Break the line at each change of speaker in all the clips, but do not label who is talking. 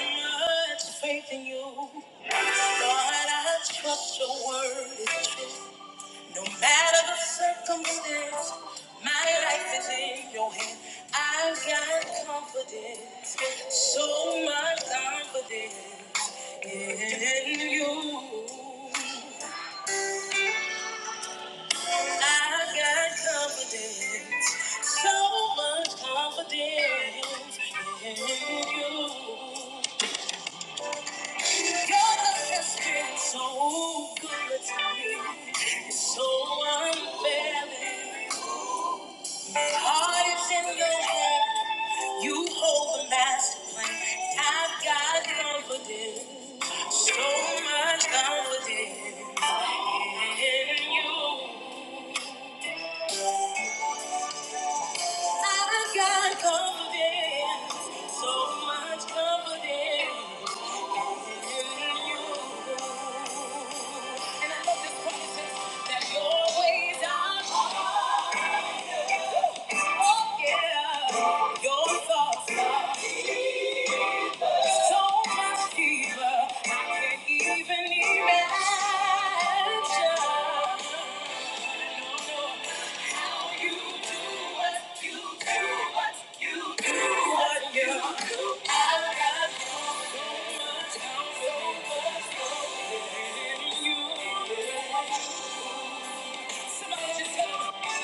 much faith in you. Lord, I trust your word is true. No matter the circumstance, my life is in your hand. I've got confidence, so much confidence in you. I've got confidence, so much confidence in you. I'm And I love this process That your ways are hard. Thank you. Thank you.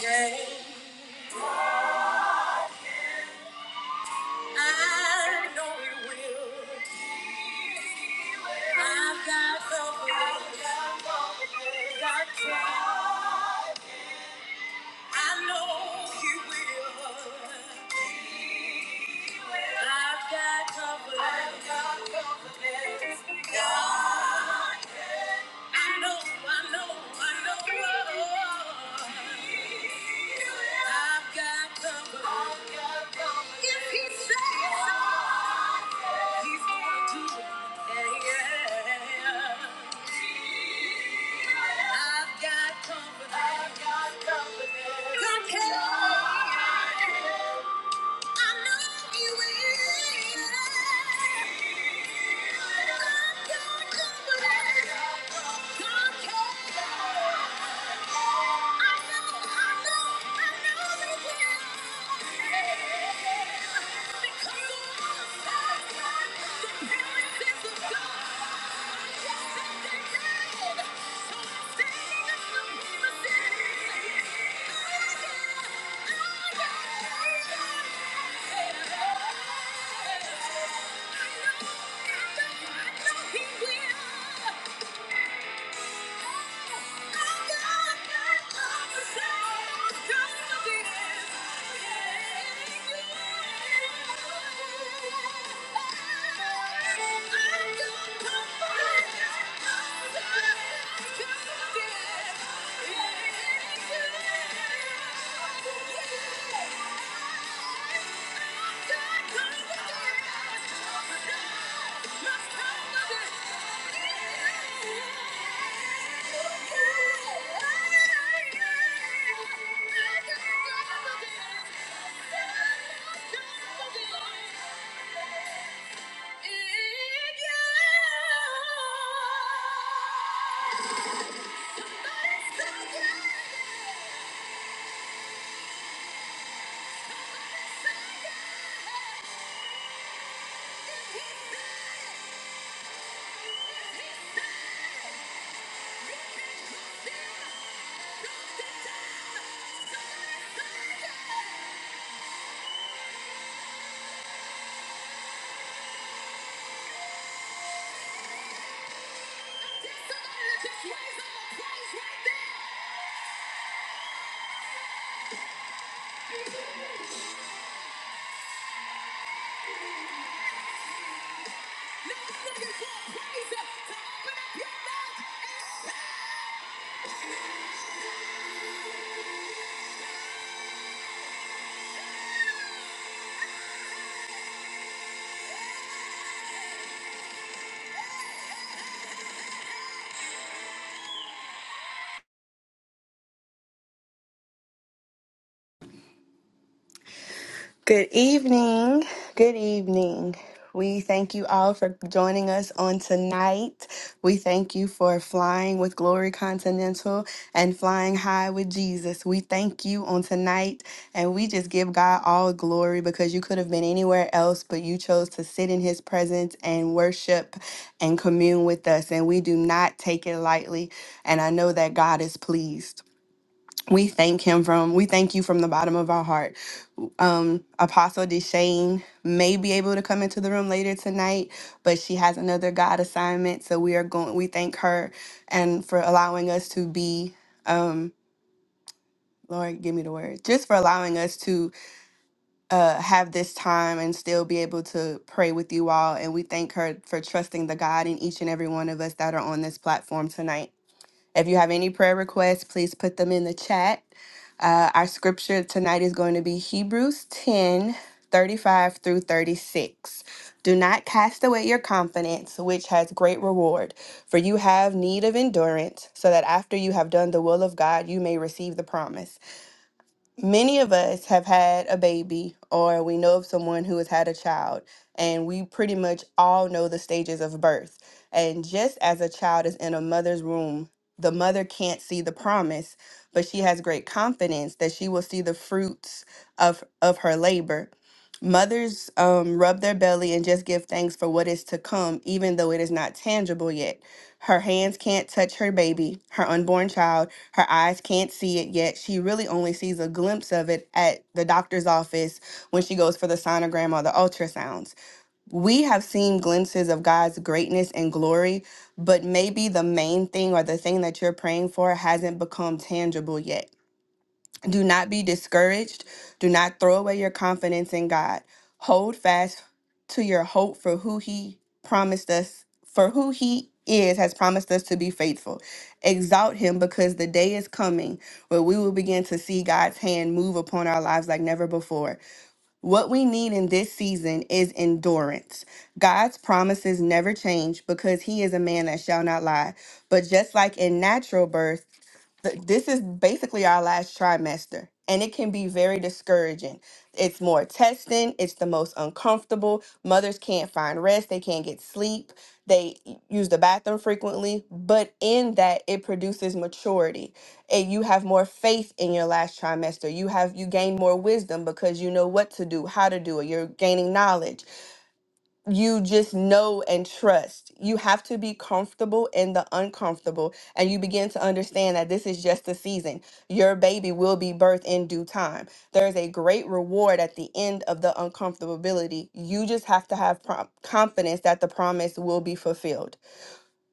Yeah, I know it will. I've got hope. I've got hope. I know He will. I've got hope. I've got God, I know, I know, I know. I've got hope. If He says He's gonna do it, yeah, yeah. I've got hope. I've got hope. God can. I know you will. I'm Yeah. Yeah. Yeah.
Good evening. Good evening. We thank you all for joining us on tonight. We thank you for flying with Glory Continental and flying high with Jesus. We thank you on tonight and we just give God all glory because you could have been anywhere else, but you chose to sit in his presence and worship and commune with us. And we do not take it lightly. And I know that God is pleased. We thank him from, we thank you from the bottom of our heart. Um, Apostle Deshane may be able to come into the room later tonight, but she has another God assignment. So we are going, we thank her and for allowing us to be, um, Lord, give me the words, just for allowing us to uh, have this time and still be able to pray with you all. And we thank her for trusting the God in each and every one of us that are on this platform tonight. If you have any prayer requests, please put them in the chat. Uh, our scripture tonight is going to be Hebrews 10 35 through 36. Do not cast away your confidence, which has great reward, for you have need of endurance, so that after you have done the will of God, you may receive the promise many of us have had a baby or we know of someone who has had a child and we pretty much all know the stages of birth and just as a child is in a mother's womb the mother can't see the promise but she has great confidence that she will see the fruits of of her labor mothers um, rub their belly and just give thanks for what is to come even though it is not tangible yet her hands can't touch her baby her unborn child her eyes can't see it yet. She really only sees a glimpse of it at the doctor's office when she goes for the sonogram or the ultrasounds. We have seen glimpses of God's greatness and glory, but maybe the main thing or the thing that you're praying for hasn't become tangible yet. Do not be discouraged. Do not throw away your confidence in God. Hold fast to your hope for who He promised us, for who He is, has promised us to be faithful. Exalt Him because the day is coming where we will begin to see God's hand move upon our lives like never before. What we need in this season is endurance. God's promises never change because He is a man that shall not lie. But just like in natural birth, th- this is basically our last trimester and it can be very discouraging it's more testing it's the most uncomfortable mothers can't find rest they can't get sleep they y- use the bathroom frequently but in that it produces maturity and you have more faith in your last trimester you have you gain more wisdom because you know what to do how to do it you're gaining knowledge you just know and trust. You have to be comfortable in the uncomfortable, and you begin to understand that this is just a season. Your baby will be birthed in due time. There's a great reward at the end of the uncomfortability. You just have to have prom- confidence that the promise will be fulfilled.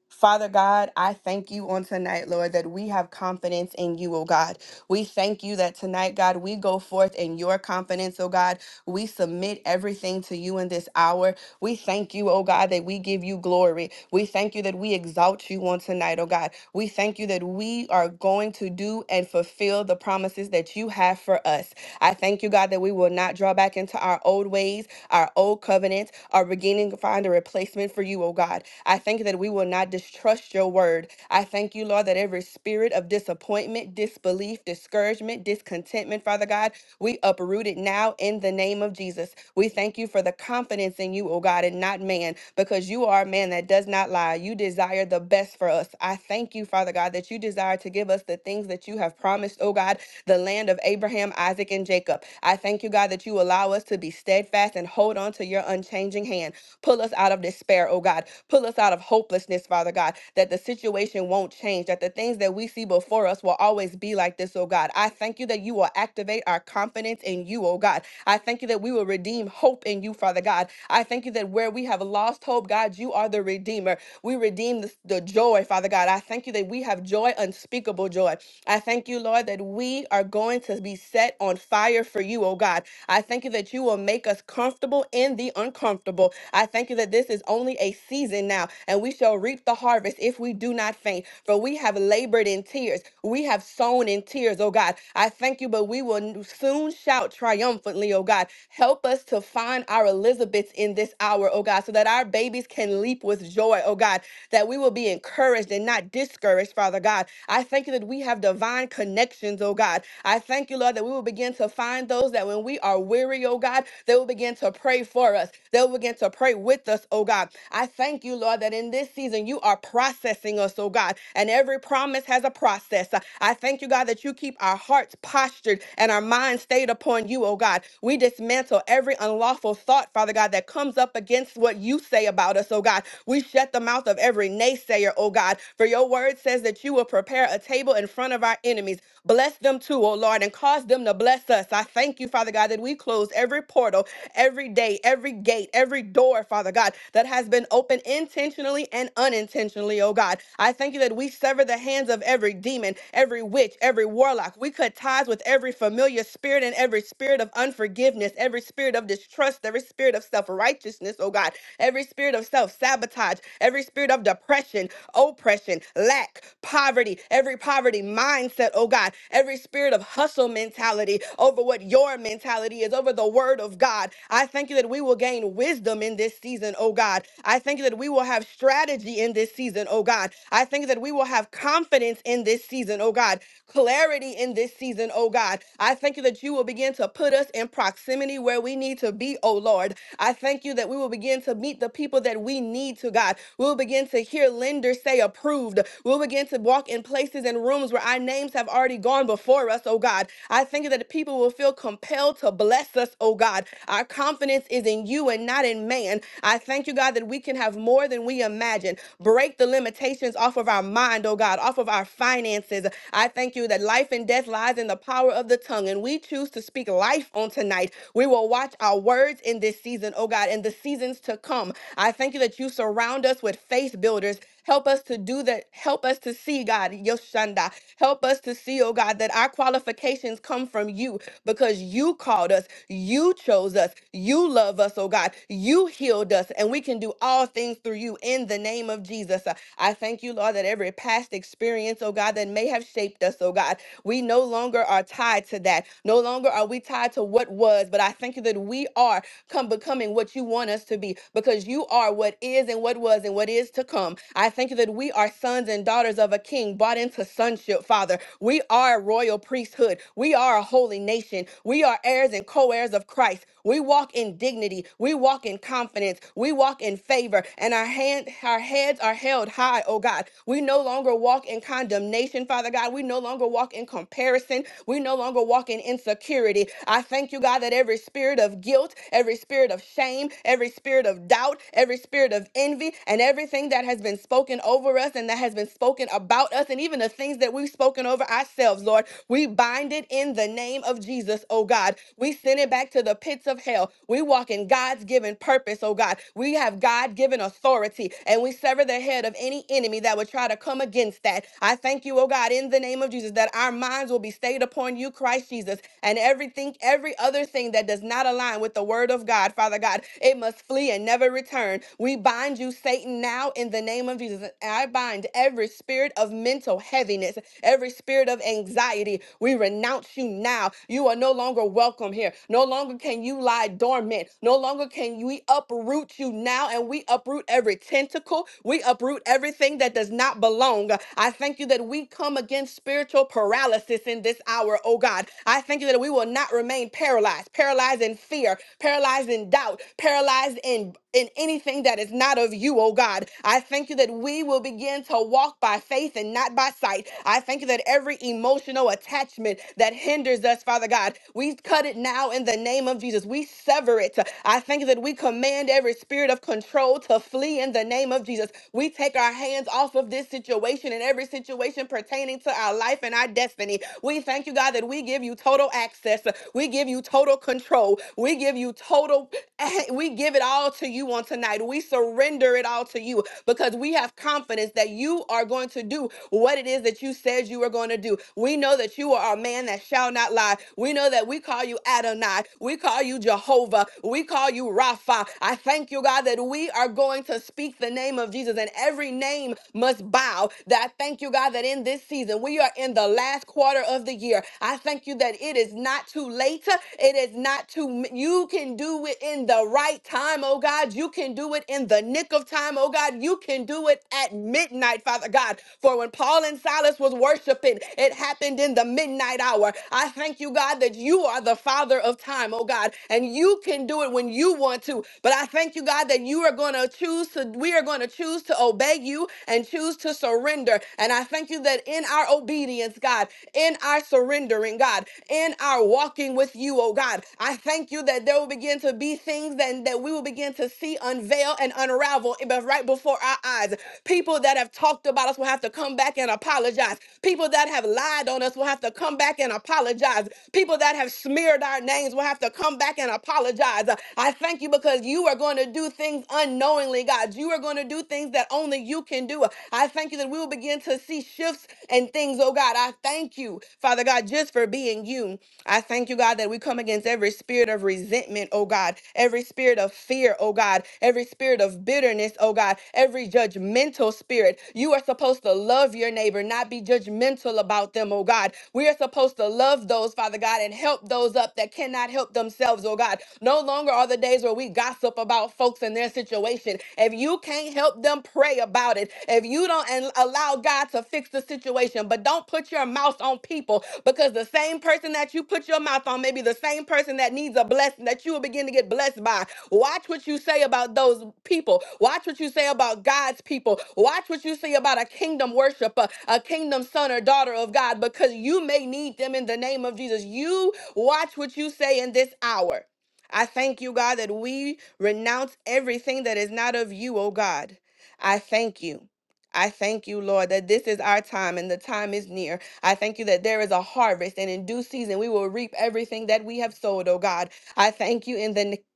Father God, I thank you on tonight, Lord, that we have confidence in you, oh God. We thank you that tonight, God, we go forth in your confidence, oh God. We submit everything to you in this hour. We thank you, oh God, that we give you glory. We thank you that we exalt you on tonight, oh God. We thank you that we are going to do and fulfill the promises that you have for us. I thank you, God, that we will not draw back into our old ways, our old covenants are beginning to find a replacement for you, oh God. I thank you that we will not distrust your word. I thank you, Lord, that every spirit of disappointment, disbelief, discouragement, discontentment, Father God, we uproot it now in the name of Jesus. We thank you for the confidence in you, oh God, and not man, because you are a man that does not lie. You desire the best for us. I thank you, Father God, that you desire to give us the things that you have promised, oh God, the land of Abraham, Isaac, and Isaac and Jacob. I thank you, God, that you allow us to be steadfast and hold on to your unchanging hand. Pull us out of despair, oh God. Pull us out of hopelessness, Father God, that the situation won't change, that the things that we see before us will always be like this, oh God. I thank you that you will activate our confidence in you, oh God. I thank you that we will redeem hope in you, Father God. I thank you that where we have lost hope, God, you are the Redeemer. We redeem the, the joy, Father God. I thank you that we have joy, unspeakable joy. I thank you, Lord, that we are going to be set on fire for you, oh God. I thank you that you will make us comfortable in the uncomfortable. I thank you that this is only a season now, and we shall reap the harvest if we do not faint. For we have labored in tears, we have sown in tears, oh God. I thank you, but we will soon shout triumphantly, oh God. Help us to find our Elizabeths in this hour, oh God, so that our babies can leap with joy, oh God, that we will be encouraged and not discouraged, Father God. I thank you that we have divine connections, oh God. I thank you, Lord, that we will begin to find those that when we are we are weary, oh God, they will begin to pray for us. They will begin to pray with us, oh God. I thank you, Lord, that in this season you are processing us, oh God, and every promise has a process. I thank you, God, that you keep our hearts postured and our minds stayed upon you, oh God. We dismantle every unlawful thought, Father God, that comes up against what you say about us, oh God. We shut the mouth of every naysayer, oh God, for your word says that you will prepare a table in front of our enemies. Bless them too, oh Lord, and cause them to bless us. I thank you, Father God. God, that we close every portal, every day, every gate, every door, Father God, that has been opened intentionally and unintentionally, oh God. I thank you that we sever the hands of every demon, every witch, every warlock. We cut ties with every familiar spirit and every spirit of unforgiveness, every spirit of distrust, every spirit of self righteousness, oh God, every spirit of self sabotage, every spirit of depression, oppression, lack, poverty, every poverty mindset, oh God, every spirit of hustle mentality over what your mentality mentality is over the word of God. I thank you that we will gain wisdom in this season, oh God. I thank you that we will have strategy in this season, oh God. I thank you that we will have confidence in this season, oh God. Clarity in this season, oh God. I thank you that you will begin to put us in proximity where we need to be, oh Lord. I thank you that we will begin to meet the people that we need to, God. We'll begin to hear lenders say approved. We'll begin to walk in places and rooms where our names have already gone before us, oh God. I thank you that people will feel compelled well to bless us, oh God. Our confidence is in you and not in man. I thank you, God, that we can have more than we imagine. Break the limitations off of our mind, oh God, off of our finances. I thank you that life and death lies in the power of the tongue, and we choose to speak life on tonight. We will watch our words in this season, oh God, and the seasons to come. I thank you that you surround us with faith builders Help us to do that. Help us to see, God, Yoshanda. Help us to see, oh God, that our qualifications come from you because you called us, you chose us, you love us, oh God, you healed us, and we can do all things through you in the name of Jesus. Uh, I thank you, Lord, that every past experience, oh God, that may have shaped us, oh God, we no longer are tied to that. No longer are we tied to what was, but I thank you that we are come becoming what you want us to be because you are what is and what was and what is to come. I thank you that we are sons and daughters of a king bought into sonship, Father. We are a royal priesthood. We are a holy nation. We are heirs and co heirs of Christ. We walk in dignity. We walk in confidence. We walk in favor. And our, hand, our heads are held high, oh God. We no longer walk in condemnation, Father God. We no longer walk in comparison. We no longer walk in insecurity. I thank you, God, that every spirit of guilt, every spirit of of shame, every spirit of doubt, every spirit of envy, and everything that has been spoken over us and that has been spoken about us, and even the things that we've spoken over ourselves, Lord. We bind it in the name of Jesus, oh God. We send it back to the pits of hell. We walk in God's given purpose, oh God. We have God given authority, and we sever the head of any enemy that would try to come against that. I thank you, oh God, in the name of Jesus, that our minds will be stayed upon you, Christ Jesus, and everything, every other other thing that does not align with the word of God, Father God, it must flee and never return. We bind you, Satan, now in the name of Jesus. And I bind every spirit of mental heaviness, every spirit of anxiety. We renounce you now. You are no longer welcome here. No longer can you lie dormant. No longer can we uproot you now. And we uproot every tentacle. We uproot everything that does not belong. I thank you that we come against spiritual paralysis in this hour, oh God oh God. I thank you that we will not remain paralyzed, paralyzed in fear, paralyzed in doubt, paralyzed in in anything that is not of you, oh God. I thank you that we will begin to walk by faith and not by sight. I thank you that every emotional attachment that hinders us, Father God, we cut it now in the name of Jesus. We sever it. I thank you that we command every spirit of control to flee in the name of Jesus. We take our hands off of this situation and every situation pertaining to our our life and our destiny. We thank you, God, that we give you total access. We give you total control. We give you total, we give it all to you on tonight. We surrender it all to you because we have confidence that you are going to do what it is that you said you were going to do. We know that you are a man that shall not lie. We know that we call you Adonai. We call you Jehovah. We call you Rapha. I thank you, God, that we are going to speak the name of Jesus and every name must bow now that I thank you, God, that in this season, we are in the last quarter of the year. I thank you that it is not too late. It is not too, you can do it in the right time, oh God. You can do it in the nick of time, oh God. You can do it at midnight, Father God. For when Paul and Silas was worshiping, it happened in the midnight hour. I thank you, God, that you are the Father of time, oh God, and you can do it when you want to. But I thank you, God, that you are going to choose to, we are going to choose to obey you and choose to surrender. And I thank you that in our obedience, God, in our surrendering, God, in our walking with you, oh God, I thank you that there will begin to be things that, that we will begin to see unveil and unravel eh, but right before our eyes. People that have talked about us will have to come back and apologize. People that have lied on us will have to come back and apologize. People that have smeared our names will have to come back and apologize. I thank you because you are going going to do things unknowingly, God. You are going to do things that only you can do. I thank you that we will begin to see shifts and things, oh God. I thank you, Father God, just for being you. I thank you, God, that we come against every spirit of resentment, oh God, every spirit of fear, oh God, every spirit of bitterness, oh God, every judgmental spirit. You are supposed to love your neighbor, not be judgmental about them, oh God. We are supposed to love those, Father God, and help those up that cannot help themselves, oh God. God. No longer are the days where we gossip about folks and their situation. If you can't help them, pray about it. If you don't and allow God to fix the situation, but don't put your mouth on people because the same person that you put your mouth on may be the same person that needs a blessing that you will begin to get blessed by. Watch what you say about those people. Watch what you say about God's people. Watch what you say about a kingdom worshiper, a kingdom son or daughter of God, because you may need them in the name of Jesus. You watch what you say in this hour. I thank you, God, that we renounce everything that is not of you, oh God. I thank you. I thank you, Lord, that this is our time and the time is near. I thank you that there is a harvest, and in due season we will reap everything that we have sowed, oh God. I thank you in the, n-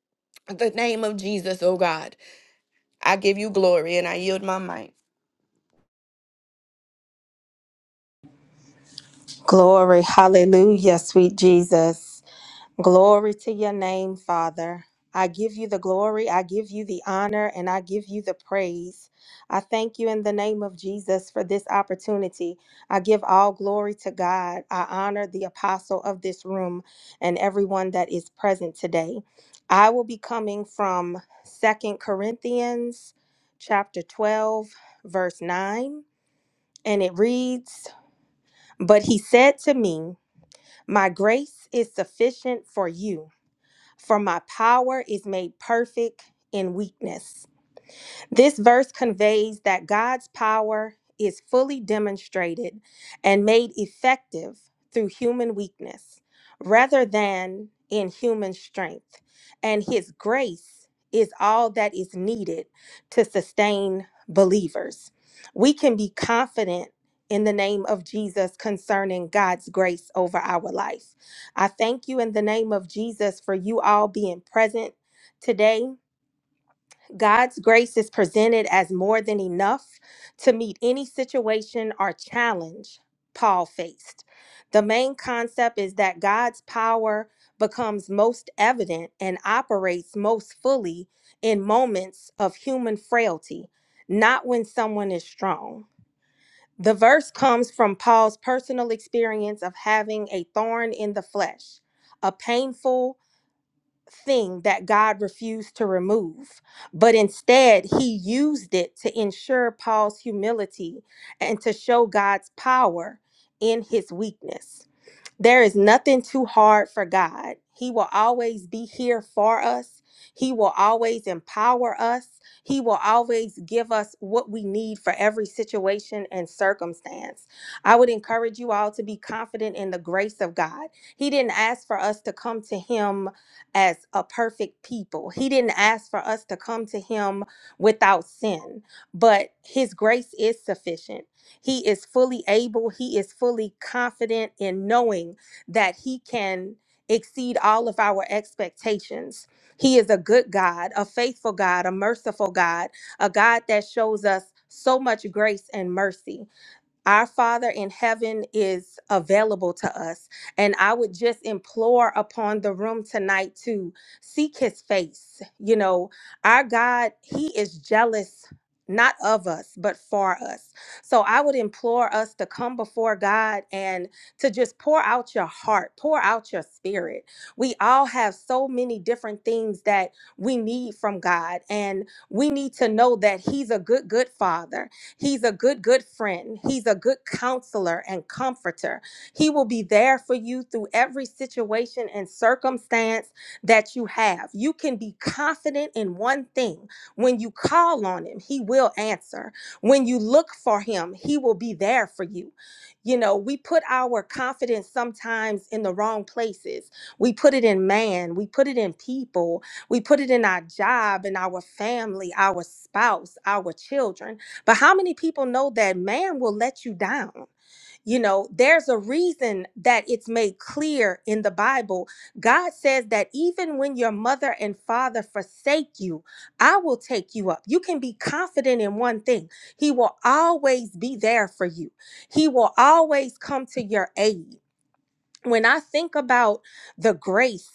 the name of Jesus, oh God. I give you glory and I yield my might.
Glory. Hallelujah, sweet Jesus. Glory to your name, Father. I give you the glory, I give you the honor, and I give you the praise. I thank you in the name of Jesus for this opportunity. I give all glory to God. I honor the apostle of this room and everyone that is present today. I will be coming from Second Corinthians chapter 12 verse 9, and it reads, "But he said to me, my grace is sufficient for you." For my power is made perfect in weakness. This verse conveys that God's power is fully demonstrated and made effective through human weakness rather than in human strength, and His grace is all that is needed to sustain believers. We can be confident. In the name of Jesus, concerning God's grace over our life, I thank you in the name of Jesus for you all being present today God's grace is presented as more than enough to meet any situation or challenge Paul faced. The main concept is that God's power becomes most evident and operates most fully in moments of human frailty, not when someone is strong. The verse comes from Paul's personal experience of having a thorn in the flesh, a painful, thing that God refused to remove, but instead he used it to ensure Paul's humility and to show God's power in his weakness. There is nothing too hard for God. He will always be here for us. He will always empower us. He will always give us what we need for every situation and circumstance. I would encourage you all to be confident in the grace of God. He didn't ask for us to come to Him as a perfect people, He didn't ask for us to come to Him without sin, but His grace is sufficient. He is fully able, he is fully confident in knowing that he can exceed all of our expectations. He is a good God, a faithful God, a merciful God, a God that shows us so much grace and mercy. Our Father in heaven is available to us. And I would just implore upon the room tonight to seek his face. You know, our God, he is jealous. Not of us, but for us. So I would implore us to come before God and to just pour out your heart, pour out your spirit. We all have so many different things that we need from God, and we need to know that He's a good, good Father He's a good, good friend. He's a good counselor and comforter. He will be there for you through every situation and circumstance that you have. You can be confident in one thing. When you call on him, he will answer. When you look for him, he will be there for you. You know, we put our confidence sometimes in the wrong places. We put it in man, we put it in people, we put it in our job, in our family, our spouse, our children. But how many people know that man will let you down? You know, there's a reason that it's made clear in the Bible. God says that even when your mother and father forsake you, I will take you up. You can be confident in one thing He will always be there for you, He will always come to your aid when I think about the grace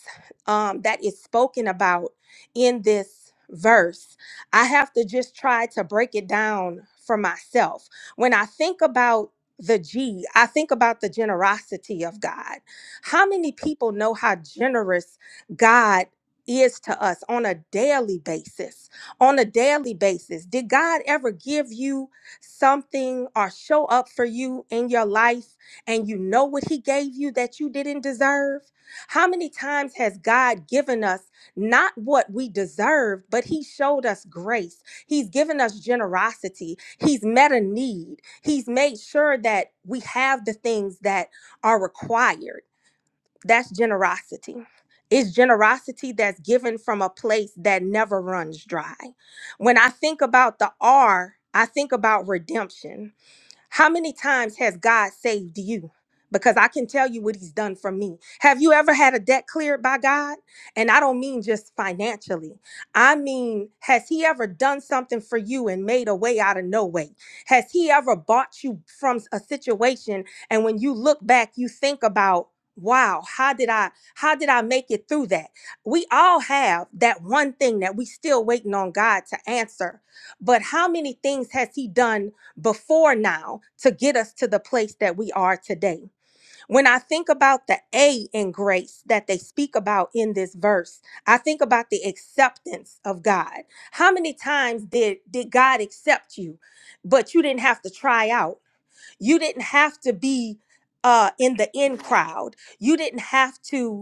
um, that is spoken about in this verse, I have to just try to break it down for myself. When I think about the G, I think about the generosity of God. How many people know how generous God is to us on a daily basis? On a daily basis, did God ever give you something or show up for you in your life? and you know what he gave you that you didn't deserve? How many times has God given us not what we deserved, but he showed us grace? He's given us generosity. He's met a need. He's made sure that we have the things that are required. That's generosity. It's generosity that's given from a place that never runs dry. When I think about the R, I think about redemption. How many times has God saved you? Because I can tell you what he's done for me. Have you ever had a debt cleared by God? And I don't mean just financially. I mean, has he ever done something for you and made a way out of no way? Has he ever bought you from a situation and when you look back, you think about, wow, how did I how did I make it through that? We all have that one thing that we still waiting on God to answer. But how many things has he done before now to get us to the place that we are today. When I think about the A in grace that they speak about in this verse, I think about the acceptance of God. How many times did, did God accept you, but you didn't have to try out? You didn't have to be uh, in the in crowd. You didn't have to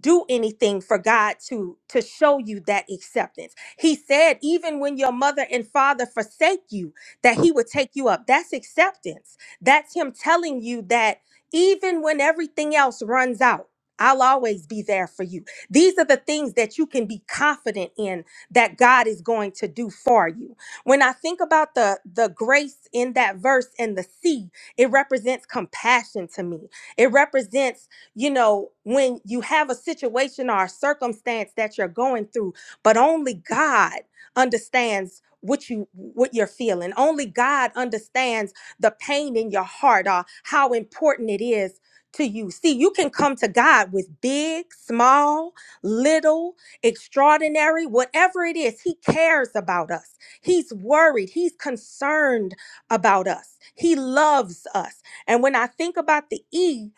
do anything for God to to show you that acceptance. He said even when your mother and father forsake you that he would take you up. That's acceptance. That's him telling you that even when everything else runs out, I'll always be there for you. These are the things that you can be confident in that God is going to do for you. When I think about the the grace in that verse and the sea, it represents compassion to me. It represents you know, when you have a situation or a circumstance that you're going through, but only God understands what you what you're feeling. Only God understands the pain in your heart or how important it is to you. See, you can come to God with big, small, little, extraordinary, whatever it is. He cares about us. He's worried. He's concerned about us. He loves us. And when I think about the E,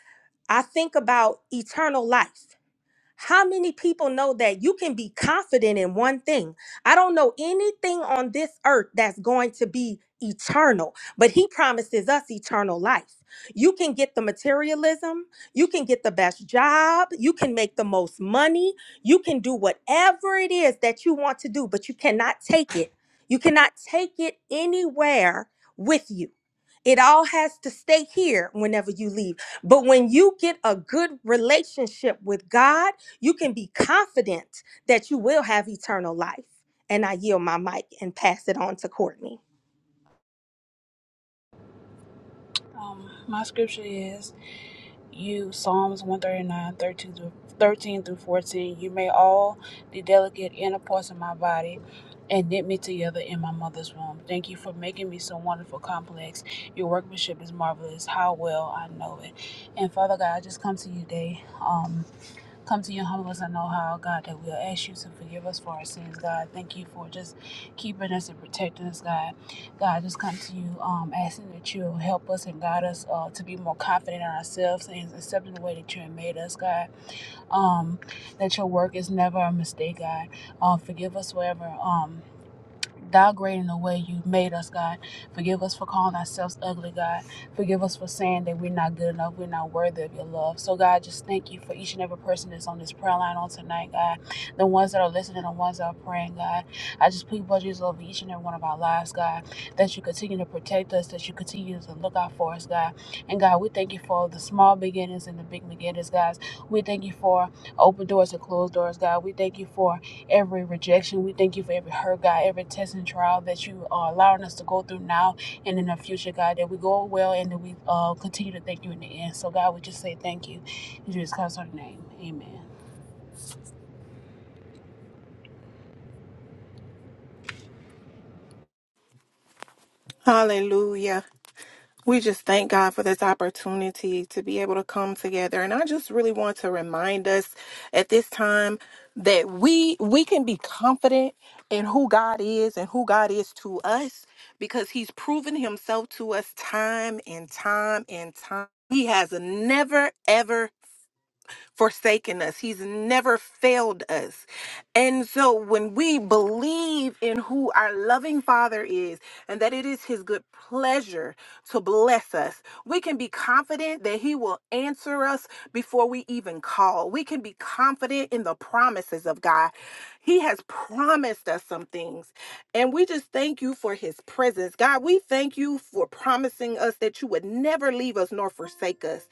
I think about eternal life. How many people know that you can be confident in one thing? I don't know anything on this earth that's going to be eternal, but He promises us eternal life. You can get the materialism, you can get the best job, you can make the most money, you can do whatever it is that you want to do, but you cannot take it. You cannot take it anywhere with you. It all has to stay here whenever you leave. But when you get a good relationship with God, you can be confident that you will have eternal life. And I yield my mic and pass it on to Courtney.
Um, my scripture is you Psalms one thirty nine thirteen through, 13 through 14. You made all the delicate inner parts of my body and knit me together in my mother's womb. Thank you for making me so wonderful, complex. Your workmanship is marvelous. How well I know it. And Father God, I just come to you today. Um, come to you humble us I know how, God, that we'll ask you to forgive us for our sins, God. Thank you for just keeping us and protecting us, God. God, just come to you um, asking that you help us and guide us uh, to be more confident in ourselves and accepting the way that you have made us, God. Um, that your work is never a mistake, God. Uh, forgive us wherever. Um, downgrading the way you made us, God. Forgive us for calling ourselves ugly, God. Forgive us for saying that we're not good enough, we're not worthy of your love. So, God, just thank you for each and every person that's on this prayer line on tonight, God. The ones that are listening, the ones that are praying, God. I just plead blood Jesus over each and every one of our lives, God. That you continue to protect us, that you continue to look out for us, God. And God, we thank you for the small beginnings and the big beginnings, guys. We thank you for open doors and closed doors, God. We thank you for every rejection. We thank you for every hurt, God, every test and trial that you are allowing us to go through now and in the future, God, that we go well and that we uh, continue to thank you in the end. So, God, we just say thank you. In Jesus Christ's holy name, amen.
Hallelujah. We just thank God for this opportunity to be able to come together. And I just really want to remind us at this time that we we can be confident in who God is and who God is to us because he's proven himself to us time and time and time. He has never ever forsaken us. He's never failed us. And so when we believe in who our loving Father is and that it is his good pleasure to bless us, we can be confident that he will answer us before we even call. We can be confident in the promises of God. He has promised us some things. And we just thank you for his presence. God, we thank you you for promising us that you would never leave us nor forsake us.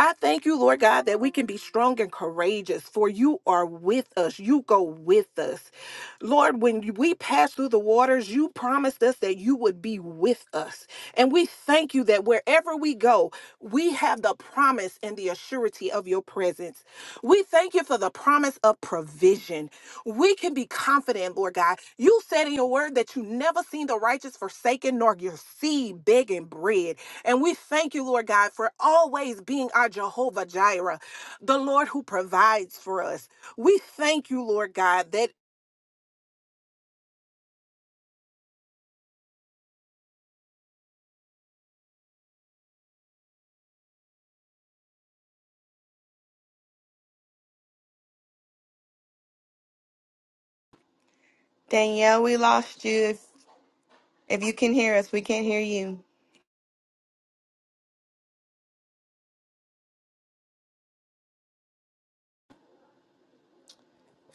I thank you, Lord God, that we can be strong and courageous, for you are with us. You go with us. Lord, when we pass through the waters, you promised us that you would be with us. And we thank you that wherever we go, we have the promise and the assurity of your presence. We thank you for the promise of provision. We can be confident, Lord God. You said in your word that you never seen the righteous forsaken nor your seed begging bread. And we thank you, Lord God, for always being our Jehovah Jireh, the Lord who provides for us. We thank you, Lord God, that
Danielle, we lost you. If if you can hear us, we can't hear you.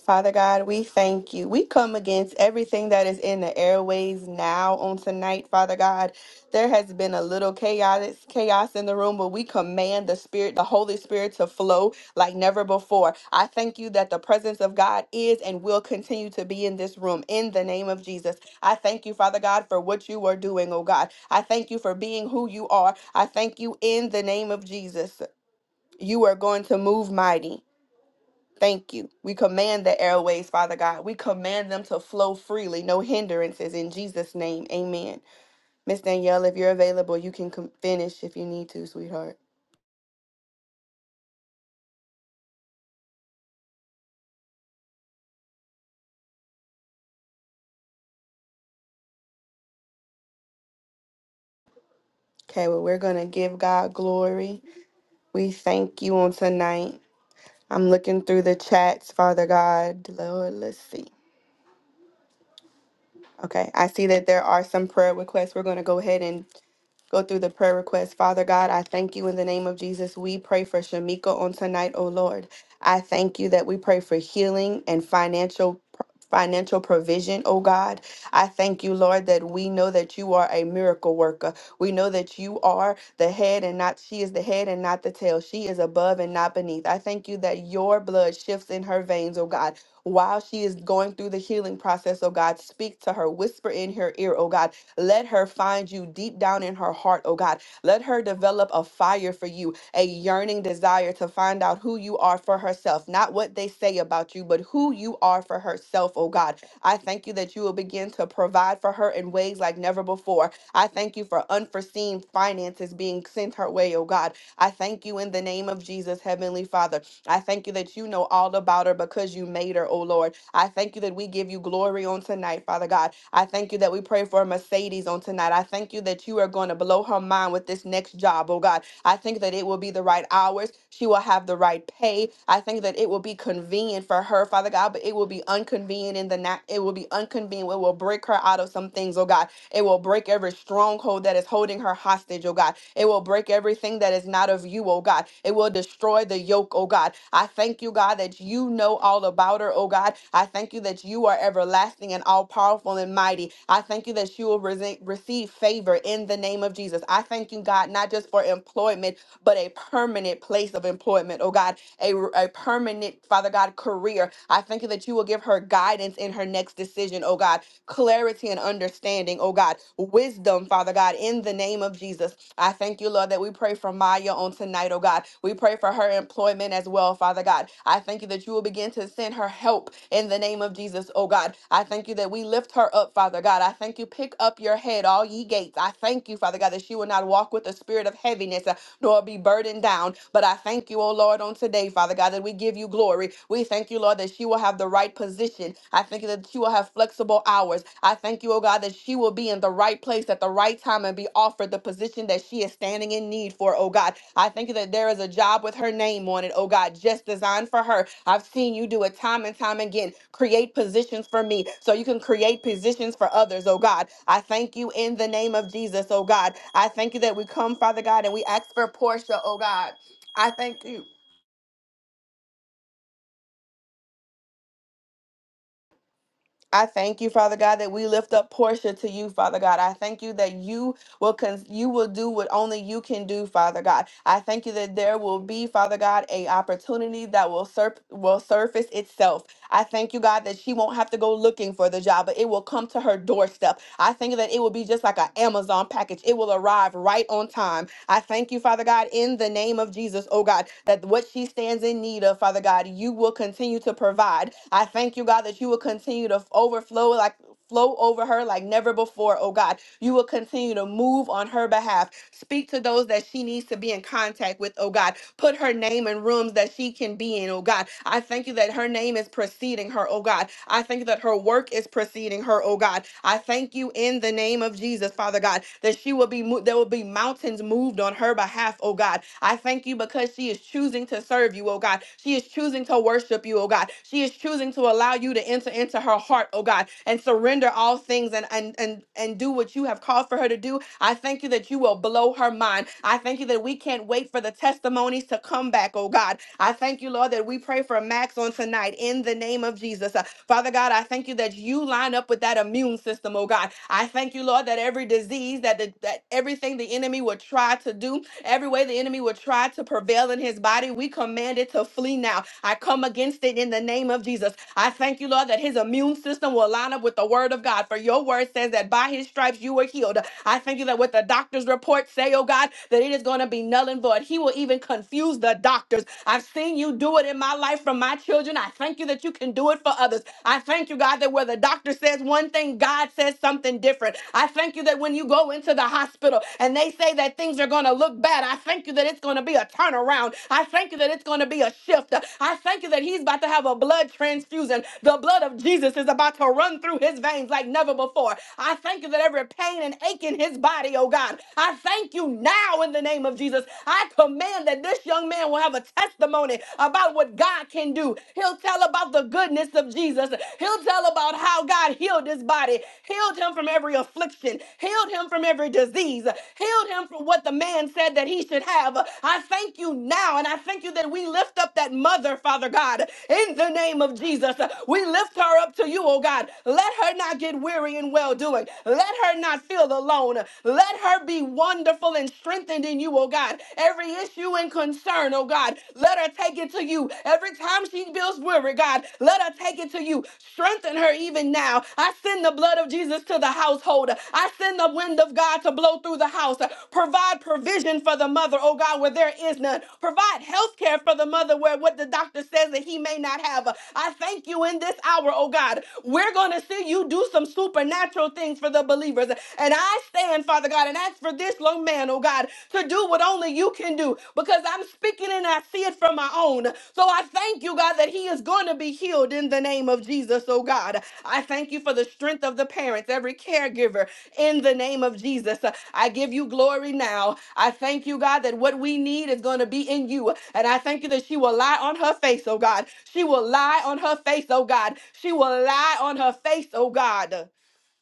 Father God, we thank you. We come against everything that is in the airways now on tonight, Father God. There has been a little chaos chaos in the room, but we command the Spirit, the Holy Spirit to flow like never before. I thank you that the presence of God is and will continue to be in this room in the name of Jesus. I thank you, Father God, for what you are doing, oh God. I thank you for being who you are. I thank you in the name of Jesus. You are going to move mighty. Thank you. We command the airways, Father God. We command them to flow freely, no hindrances. In Jesus' name, amen. Miss Danielle, if you're available, you can com- finish if you need to, sweetheart. Okay, well, we're going to give God glory. We thank you on tonight. I'm looking through the chats, Father God. Lord, let's see. Okay, I see that there are some prayer requests. We're going to go ahead and go through the prayer request. Father God, I thank you in the name of Jesus. We pray for Shamika on tonight, oh Lord. I thank you that we pray for healing and financial financial provision, oh God. I thank you, Lord, that we know that you are a miracle worker. We know that you are the head and not she is the head and not the tail. She is above and not beneath. I thank you that your blood shifts in her veins, oh God while she is going through the healing process, oh God. Speak to her, whisper in her ear, oh God. Let her find you deep down in her heart, oh God. Let her develop a fire for you, a yearning desire to find out who you are for herself, not what they say about you, but who you are for herself, oh God. I thank you that you will begin to provide for her in ways like never before. I thank you for unforeseen finances being sent her way, oh God. I thank you in the name of Jesus, Heavenly Father. I thank you that you know all about her because you made her, oh Lord. I thank you that we give you glory on tonight, Father God. I thank you that we pray for Mercedes on tonight. I thank you that you are going to blow her mind with this next job, oh God. I think that it will be the right hours. She will have the right pay. I think that it will be convenient for her, Father God, but it will be inconvenient in the night. It will be unconvenient. It will break her out of some things, oh God. It will break every stronghold that is holding her hostage, oh God. It will break everything that is not of you, oh God. It will destroy the yoke, oh God. I thank you, God, that you know all about her, oh God. I thank you that you are everlasting and all powerful and mighty. I thank you that she will rese- receive favor in the name of Jesus. I thank you, God, not just for employment, but a permanent place of employment, oh God, a, a permanent, Father God, career. I thank you that you will give her guidance in her next decision, oh God, clarity and understanding, oh God, wisdom, Father God, in the name of Jesus. I thank you, Lord, that we pray for Maya on tonight, oh God. We pray for her employment as well, Father God. I thank you that you will begin to send her help in the name of Jesus, oh God. I thank you that we lift her up, Father God. I thank you. Pick up your head, all ye gates. I thank you, Father God, that she will not walk with a spirit of heaviness uh, nor be burdened down. But I thank you, oh Lord, on today, Father God, that we give you glory. We thank you, Lord, that she will have the right position. I thank you that she will have flexible hours. I thank you, oh God, that she will be in the the right place at the right time and be offered the position that she is standing in need for, oh God. I think that there is a job with her name on it, oh God, just designed for her. I've seen you do it time and time again. Create positions for me so you can create positions for others, oh God. I thank you in the name of Jesus, oh God. I thank you that we come, Father God, and we ask for Portia, oh God. I thank you. I thank you, Father God, that we lift up Portia to you, Father God. I thank you that you will con- you will do what only you can do, Father God. I thank you that there will be, Father God, a opportunity that will sur- will surface itself I thank you, God, that she won't have to go looking for the job, but it will come to her doorstep. I thank you that it will be just like an Amazon package. It will arrive right on time. I thank you, Father God, in the name of Jesus, oh God, that what she stands in need of, Father God, you will continue to provide. I thank you, God, that you will continue to overflow like flow over her like never before, oh God. You will continue to move on her behalf. Speak to those that she needs to be in contact with, oh God. Put her name in rooms that she can be in, oh God. I thank you that her name is preceding her, oh God. I thank you that her work is preceding her, oh God. I thank you in the name of Jesus, Father God, that she will be mo- there will be mountains moved on her behalf, oh God. I thank you because she is choosing to serve you, oh God. She is choosing to worship you, oh God. She is choosing to allow you to enter into her heart, oh God, and surrender all things and and and, and do do what you have called for her to do. I thank you that you will blow her mind. I thank you that we can't wait for the testimonies to come back, oh God. I thank you, Lord, that we pray for Max on tonight in the name of Jesus. Uh, Father God, I thank you that you line up with that immune system, oh God. I thank you, Lord, that every disease, that, the, that everything the enemy would try to do, every way the enemy would try to prevail in his body, we command it to flee now. I come against it in the name of Jesus. I thank you, Lord, that his immune system will line up with the word of God. For your word says that by his by his stripes you were healed. I thank you that what the doctor's report say, oh God, that it is going to be null and void. He will even confuse the doctors. I've seen you do it in my life for my children. I thank you that you can do it for others. I thank you, God, that where the doctor says one thing, God says something different. I thank you that when you go into the hospital and they say that things are going to look bad, I thank you that it's going to be a turnaround. I thank you that it's going to be a shift. I thank you that he's about to have a blood transfusion. The blood of Jesus is about to run through his veins like never before. I thank you that every pain and ache in his body, oh God, I thank you now in the name of Jesus. I command that this young man will have a testimony about what God can do. He'll tell about the goodness of Jesus. He'll tell about how God healed his body, healed him from every affliction, healed him from every disease, healed him from what the man said that he should have. I thank you now, and I thank you that we lift up that mother, Father God, in the name of Jesus. We lift her up to you, oh God. Let her not get weary and well well doing. Let her not feel alone. Let her be wonderful and strengthened in you, oh God. Every issue and concern, oh God, let her take it to you. Every time she feels weary, God, let her take it to you. Strengthen her even now. I send the blood of Jesus to the household. I send the wind of God to blow through the house. Provide provision for the mother, oh God, where there is none. Provide health care for the mother where what the doctor says that he may not have. I thank you in this hour, oh God. We're going to see you do some supernatural supernatural things for the believers. And I stand, Father God, and ask for this young man, oh God, to do what only you can do because I'm speaking and I see it from my own. So I thank you, God, that he is going to be healed in the name of Jesus, oh God. I thank you for the strength of the parents, every caregiver, in the name of Jesus. I give you glory now. I thank you, God, that what we need is going to be in you. And I thank you that she will lie on her face, oh God. She will lie on her face, oh God. She will lie on her face, oh God.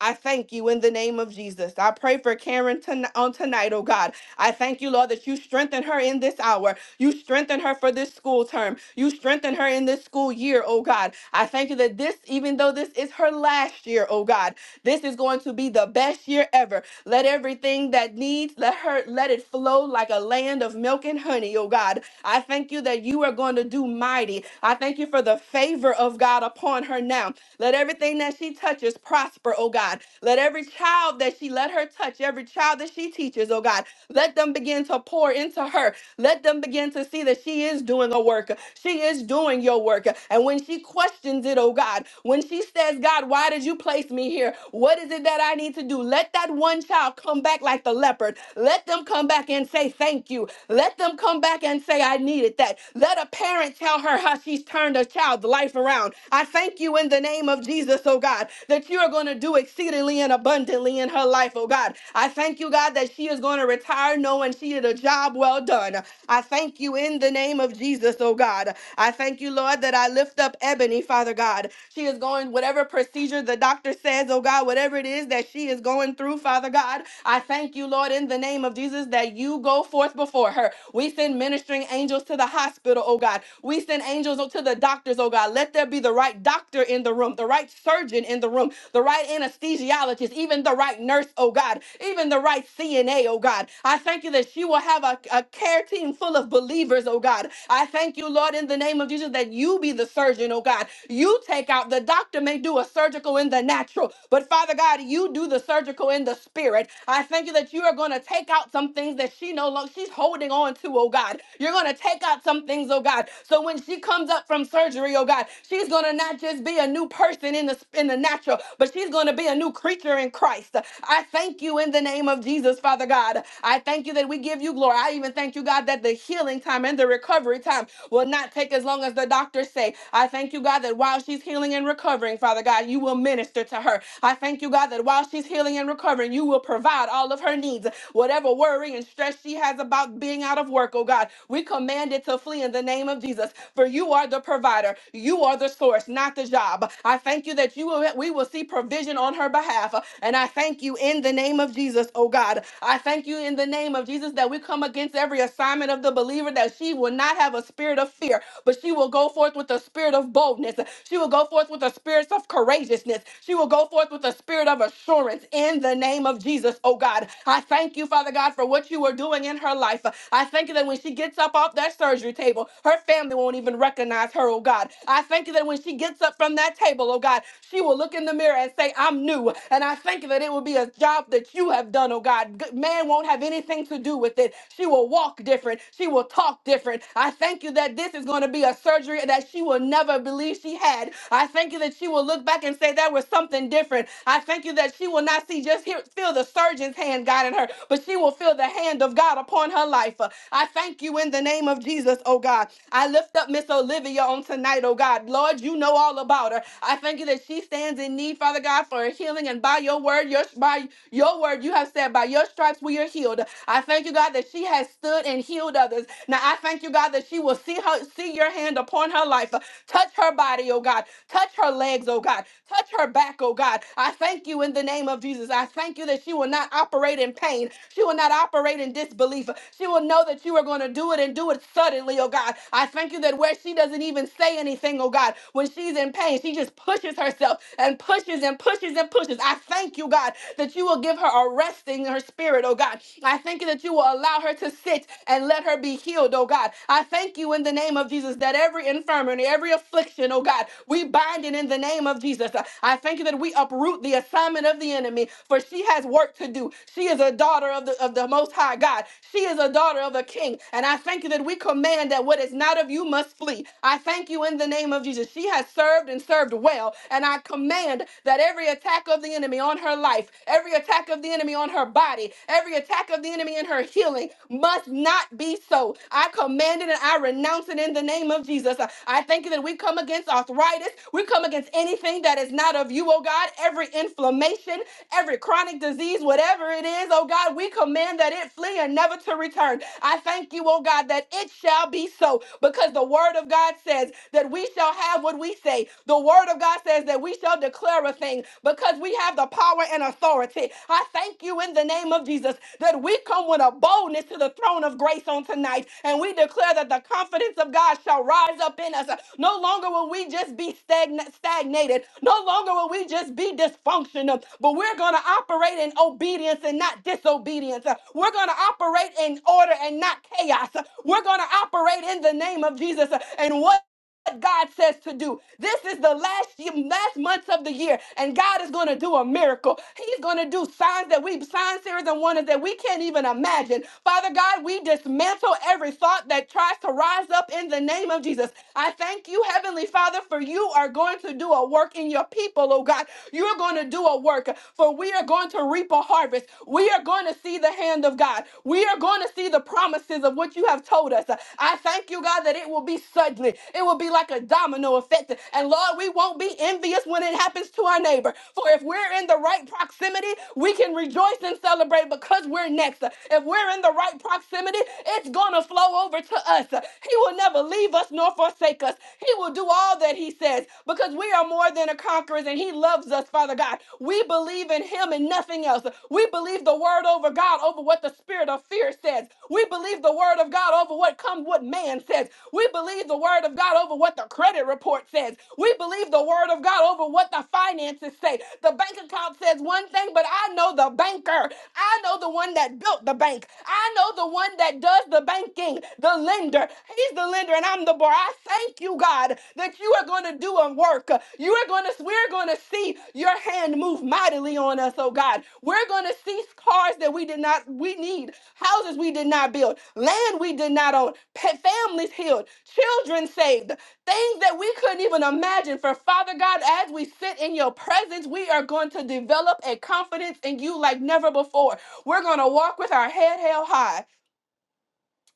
I thank you in the name of Jesus. I pray for Karen ton- on tonight, oh God. I thank you, Lord, that you strengthen her in this hour. You strengthen her for this school term. You strengthen her in this school year, oh God. I thank you that this, even though this is her last year, oh God, this is going to be the best year ever. Let everything that needs, let her let it flow like a land of milk and honey, oh God. I thank you that you are going to do mighty. I thank you for the favor of God upon her now. Let everything that she touches prosper prosper, oh God. Let every child that she let her touch, every child that she teaches, oh God, let them begin to pour into her. Let them begin to see that she is doing a work. She is doing your work. And when she questions it, oh God, when she says, God, why did you place me here? What is it that I need to do? Let that one child come back like the leopard. Let them come back and say, Thank you. Let them come back and say, I needed that. Let a parent tell her how she's turned a child's life around. I thank you in the name of Jesus, oh God, that that you're going to do exceedingly and abundantly in her life, oh God. I thank you, God, that she is going to retire knowing she did a job well done. I thank you in the name of Jesus, oh God. I thank you, Lord, that I lift up Ebony, Father God. She is going whatever procedure the doctor says, oh God, whatever it is that she is going through, Father God. I thank you, Lord, in the name of Jesus, that you go forth before her. We send ministering angels to the hospital, oh God. We send angels to the doctors, oh God. Let there be the right doctor in the room, the right surgeon in in the room, the right anesthesiologist, even the right nurse, oh God, even the right CNA, oh God. I thank you that she will have a, a care team full of believers, oh God. I thank you, Lord, in the name of Jesus, that you be the surgeon, oh God. You take out, the doctor may do a surgical in the natural, but Father God, you do the surgical in the spirit. I thank you that you are going to take out some things that she no longer, she's holding on to, oh God. You're going to take out some things, oh God. So when she comes up from surgery, oh God, she's going to not just be a new person in the in the in the natural, but she's going to be a new creature in Christ. I thank you in the name of Jesus, Father God. I thank you that we give you glory. I even thank you, God, that the healing time and the recovery time will not take as long as the doctors say. I thank you, God, that while she's healing and recovering, Father God, you will minister to her. I thank you, God, that while she's healing and recovering, you will provide all of her needs. Whatever worry and stress she has about being out of work, oh God, we command it to flee in the name of Jesus. For you are the provider, you are the source, not the job. I I thank you that you will, we will see provision on her behalf. And I thank you in the name of Jesus, oh God. I thank you in the name of Jesus that we come against every assignment of the believer that she will not have a spirit of fear, but she will go forth with a spirit of boldness. She will go forth with a spirit of courageousness. She will go forth with a spirit of assurance in the name of Jesus, oh God. I thank you, Father God, for what you are doing in her life. I thank you that when she gets up off that surgery table, her family won't even recognize her, oh God. I thank you that when she gets up from that that table, oh God, she will look in the mirror and say, I'm new. And I thank you that it will be a job that you have done, oh God. G- Man won't have anything to do with it. She will walk different. She will talk different. I thank you that this is going to be a surgery that she will never believe she had. I thank you that she will look back and say, there was something different. I thank you that she will not see, just hear, feel the surgeon's hand guiding her, but she will feel the hand of God upon her life. Uh, I thank you in the name of Jesus, oh God. I lift up Miss Olivia on tonight, oh God. Lord, you know all all about her. I thank you that she stands in need, Father God, for healing. And by your word, your by your word, you have said, by your stripes we are healed. I thank you, God, that she has stood and healed others. Now I thank you, God, that she will see her see your hand upon her life. Touch her body, oh God. Touch her legs, oh God. Touch her back, oh God. I thank you in the name of Jesus. I thank you that she will not operate in pain. She will not operate in disbelief. She will know that you are going to do it and do it suddenly, oh God. I thank you that where she doesn't even say anything, oh God, when she's in pain. She just pushes herself and pushes and pushes and pushes. I thank you, God, that you will give her a resting in her spirit, oh God. I thank you that you will allow her to sit and let her be healed, oh God. I thank you in the name of Jesus that every infirmity, every affliction, oh God, we bind it in the name of Jesus. I thank you that we uproot the assignment of the enemy, for she has work to do. She is a daughter of the of the most high God. She is a daughter of a king. And I thank you that we command that what is not of you must flee. I thank you in the name of of Jesus. She has served and served well. And I command that every attack of the enemy on her life, every attack of the enemy on her body, every attack of the enemy in her healing must not be so. I command it and I renounce it in the name of Jesus. I I thank you that we come against arthritis. We come against anything that is not of you, oh God. Every inflammation, every chronic disease, whatever it is, oh God, we command that it flee and never to return. I thank you, oh God, that it shall be so because the word of God says that that we shall have what we say. The word of God says that we shall declare a thing because we have the power and authority. I thank you in the name of Jesus that we come with a boldness to the throne of grace on tonight and we declare that the confidence of God shall rise up in us. No longer will we just be stagna- stagnated, no longer will we just be dysfunctional, but we're going to operate in obedience and not disobedience. We're going to operate in order and not chaos. We're going to operate in the name of Jesus. And what what God says to do. This is the last year, last months of the year, and God is going to do a miracle. He's going to do signs that we signs, series, and wonders that we can't even imagine. Father God, we dismantle every thought that tries to rise up in the name of Jesus. I thank you, Heavenly Father, for you are going to do a work in your people, oh God. You're going to do a work, for we are going to reap a harvest. We are going to see the hand of God. We are going to see the promises of what you have told us. I thank you, God, that it will be suddenly. It will be will be like a domino effect. And Lord, we won't be envious when it happens to our neighbor. For if we're in the right proximity, we can rejoice and celebrate because we're next. If we're in the right proximity, it's going to flow over to us. He will never leave us nor forsake us. He will do all that He says because we are more than a conquerors and He loves us, Father God. We believe in Him and nothing else. We believe the word over God over what the spirit of fear says. We believe the word of God over what come what man says. We believe the word of God over over what the credit report says. We believe the word of God over what the finances say. The bank account says one thing, but I know the banker. I know the one that built the bank. I know the one that does the banking, the lender. He's the lender and I'm the borrower. I thank you, God, that you are going to do a work. You are going to we're going to see your hand move mightily on us, oh God. We're going to see cars that we did not we need, houses we did not build, land we did not own, pet families healed, children saved, things that we couldn't even imagine. For Father God, as we sit in your presence, we are going to develop a confidence in you like never before. We're going to walk with our head held high.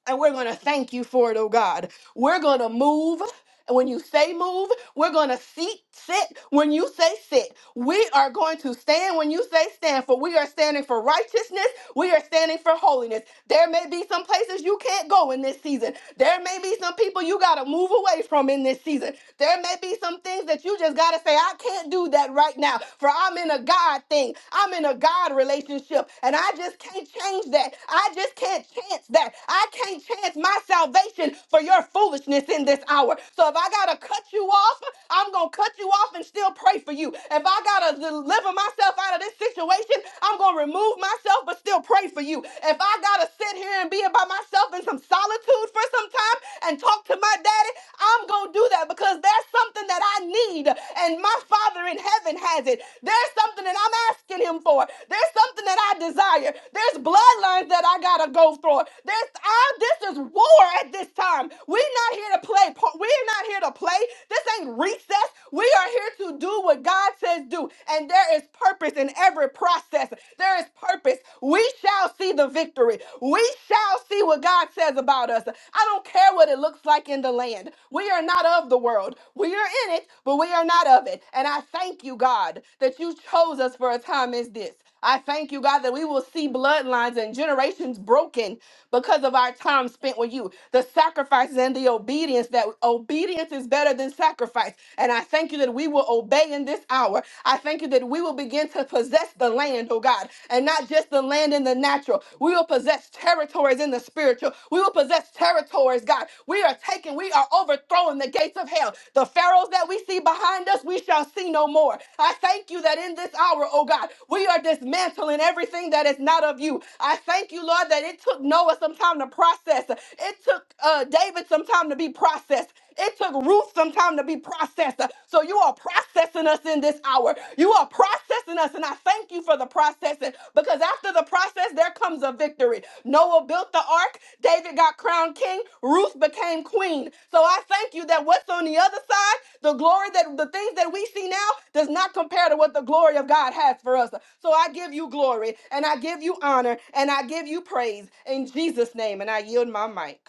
And we're going to thank you for it, oh God. We're going to move. And when you say move, we're going to seat, sit when you say sit. We are going to stand when you say stand, for we are standing for righteousness. We are standing for holiness. There may be some places you can't go in this season. There may be some people you got to move away from in this season. There may be some things that you just got to say, I can't do that right now, for I'm in a God thing. I'm in a God relationship, and I just can't change that. I just can't chance that. I can't chance my salvation for your foolishness in this hour hour. So if I got to cut you off, I'm going to cut you off and still pray for you. If I got to deliver myself out of this situation, I'm going to remove myself but still pray for you. If I got to sit here and be by myself in some solitude for some time and talk to my daddy, I'm going to do that because there's something that I need and my Father in heaven has it. There's something that I'm asking him for. There's something that I desire. There's bloodlines that I got to go through. There's I, this is war at this time. We're not here here to play. par- We're not here to play. This ain't recess. We are here to do what God says do. And there is purpose in every process. There is purpose. We shall see the victory. We shall see what God says about us. I don't care what it looks like in the land. We are not of the world. We are in it, but we are not of it. And I thank you, God, that you chose us for a time as this. I thank you, God, that we will see bloodlines and generations broken because of our time spent with you. The sacrifices and the obedience that obedience is better than sacrifice. And I thank you that we will obey in this hour. I thank you that we will begin to possess the land, oh God, and not just the land in the natural. We will possess territories in the spiritual. We will possess territories, God. We are are taking, we are overthrowing the gates of hell. The pharaohs that we see behind us, we shall see no more. I thank you that in this hour, oh God, we are dismantling everything that is not of you. I thank you, Lord, that it took Noah some time to process. It took uh, David some time to be processed. It took Ruth some time to be processed. So you are processing us in this hour. You are processing testing us. And I thank you for the process and- because after the process, there comes a victory. Noah built the ark, David got crowned king, Ruth became queen. So I thank you that what's on the other side, the glory that the things that we see now does not compare to what the glory of God has for us. So I give you glory and I give you honor and I give you praise in Jesus' name. And I yield my mic.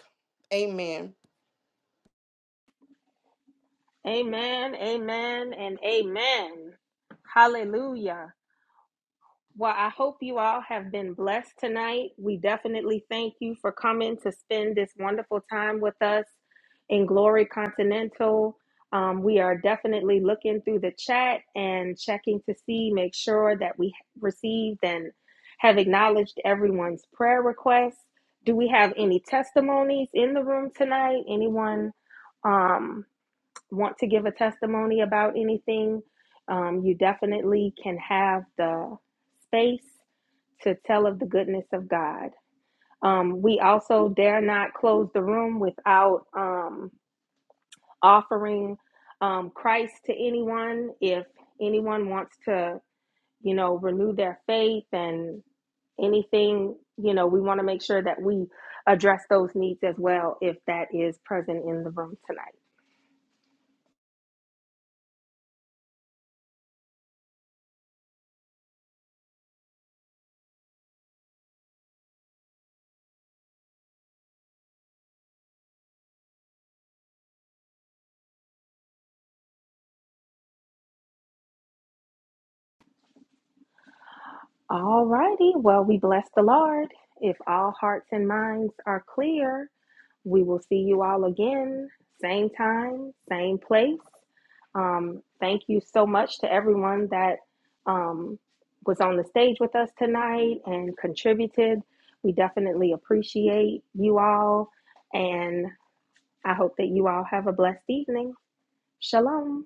Amen.
Amen, amen, and amen. Hallelujah. Well, I hope you all have been blessed tonight. We definitely thank you for coming to spend this wonderful time with us in Glory Continental. Um, we are definitely looking through the chat and checking to see, make sure that we received and have acknowledged everyone's prayer requests. Do we have any testimonies in the room tonight? Anyone? Um, want to give a testimony about anything, um, you definitely can have the space to tell of the goodness of God. Um, we also dare not close the room without um, offering um, Christ to anyone. If anyone wants to, you know, renew their faith and anything, you know, we want to make sure that we address those needs as well if that is present in the room tonight. All righty. Well, we bless the Lord. If all hearts and minds are clear, we will see you all again, same time, same place. Um, thank you so much to everyone that um, was on the stage with us tonight and contributed. We definitely appreciate you all, and I hope that you all have a blessed evening. Shalom.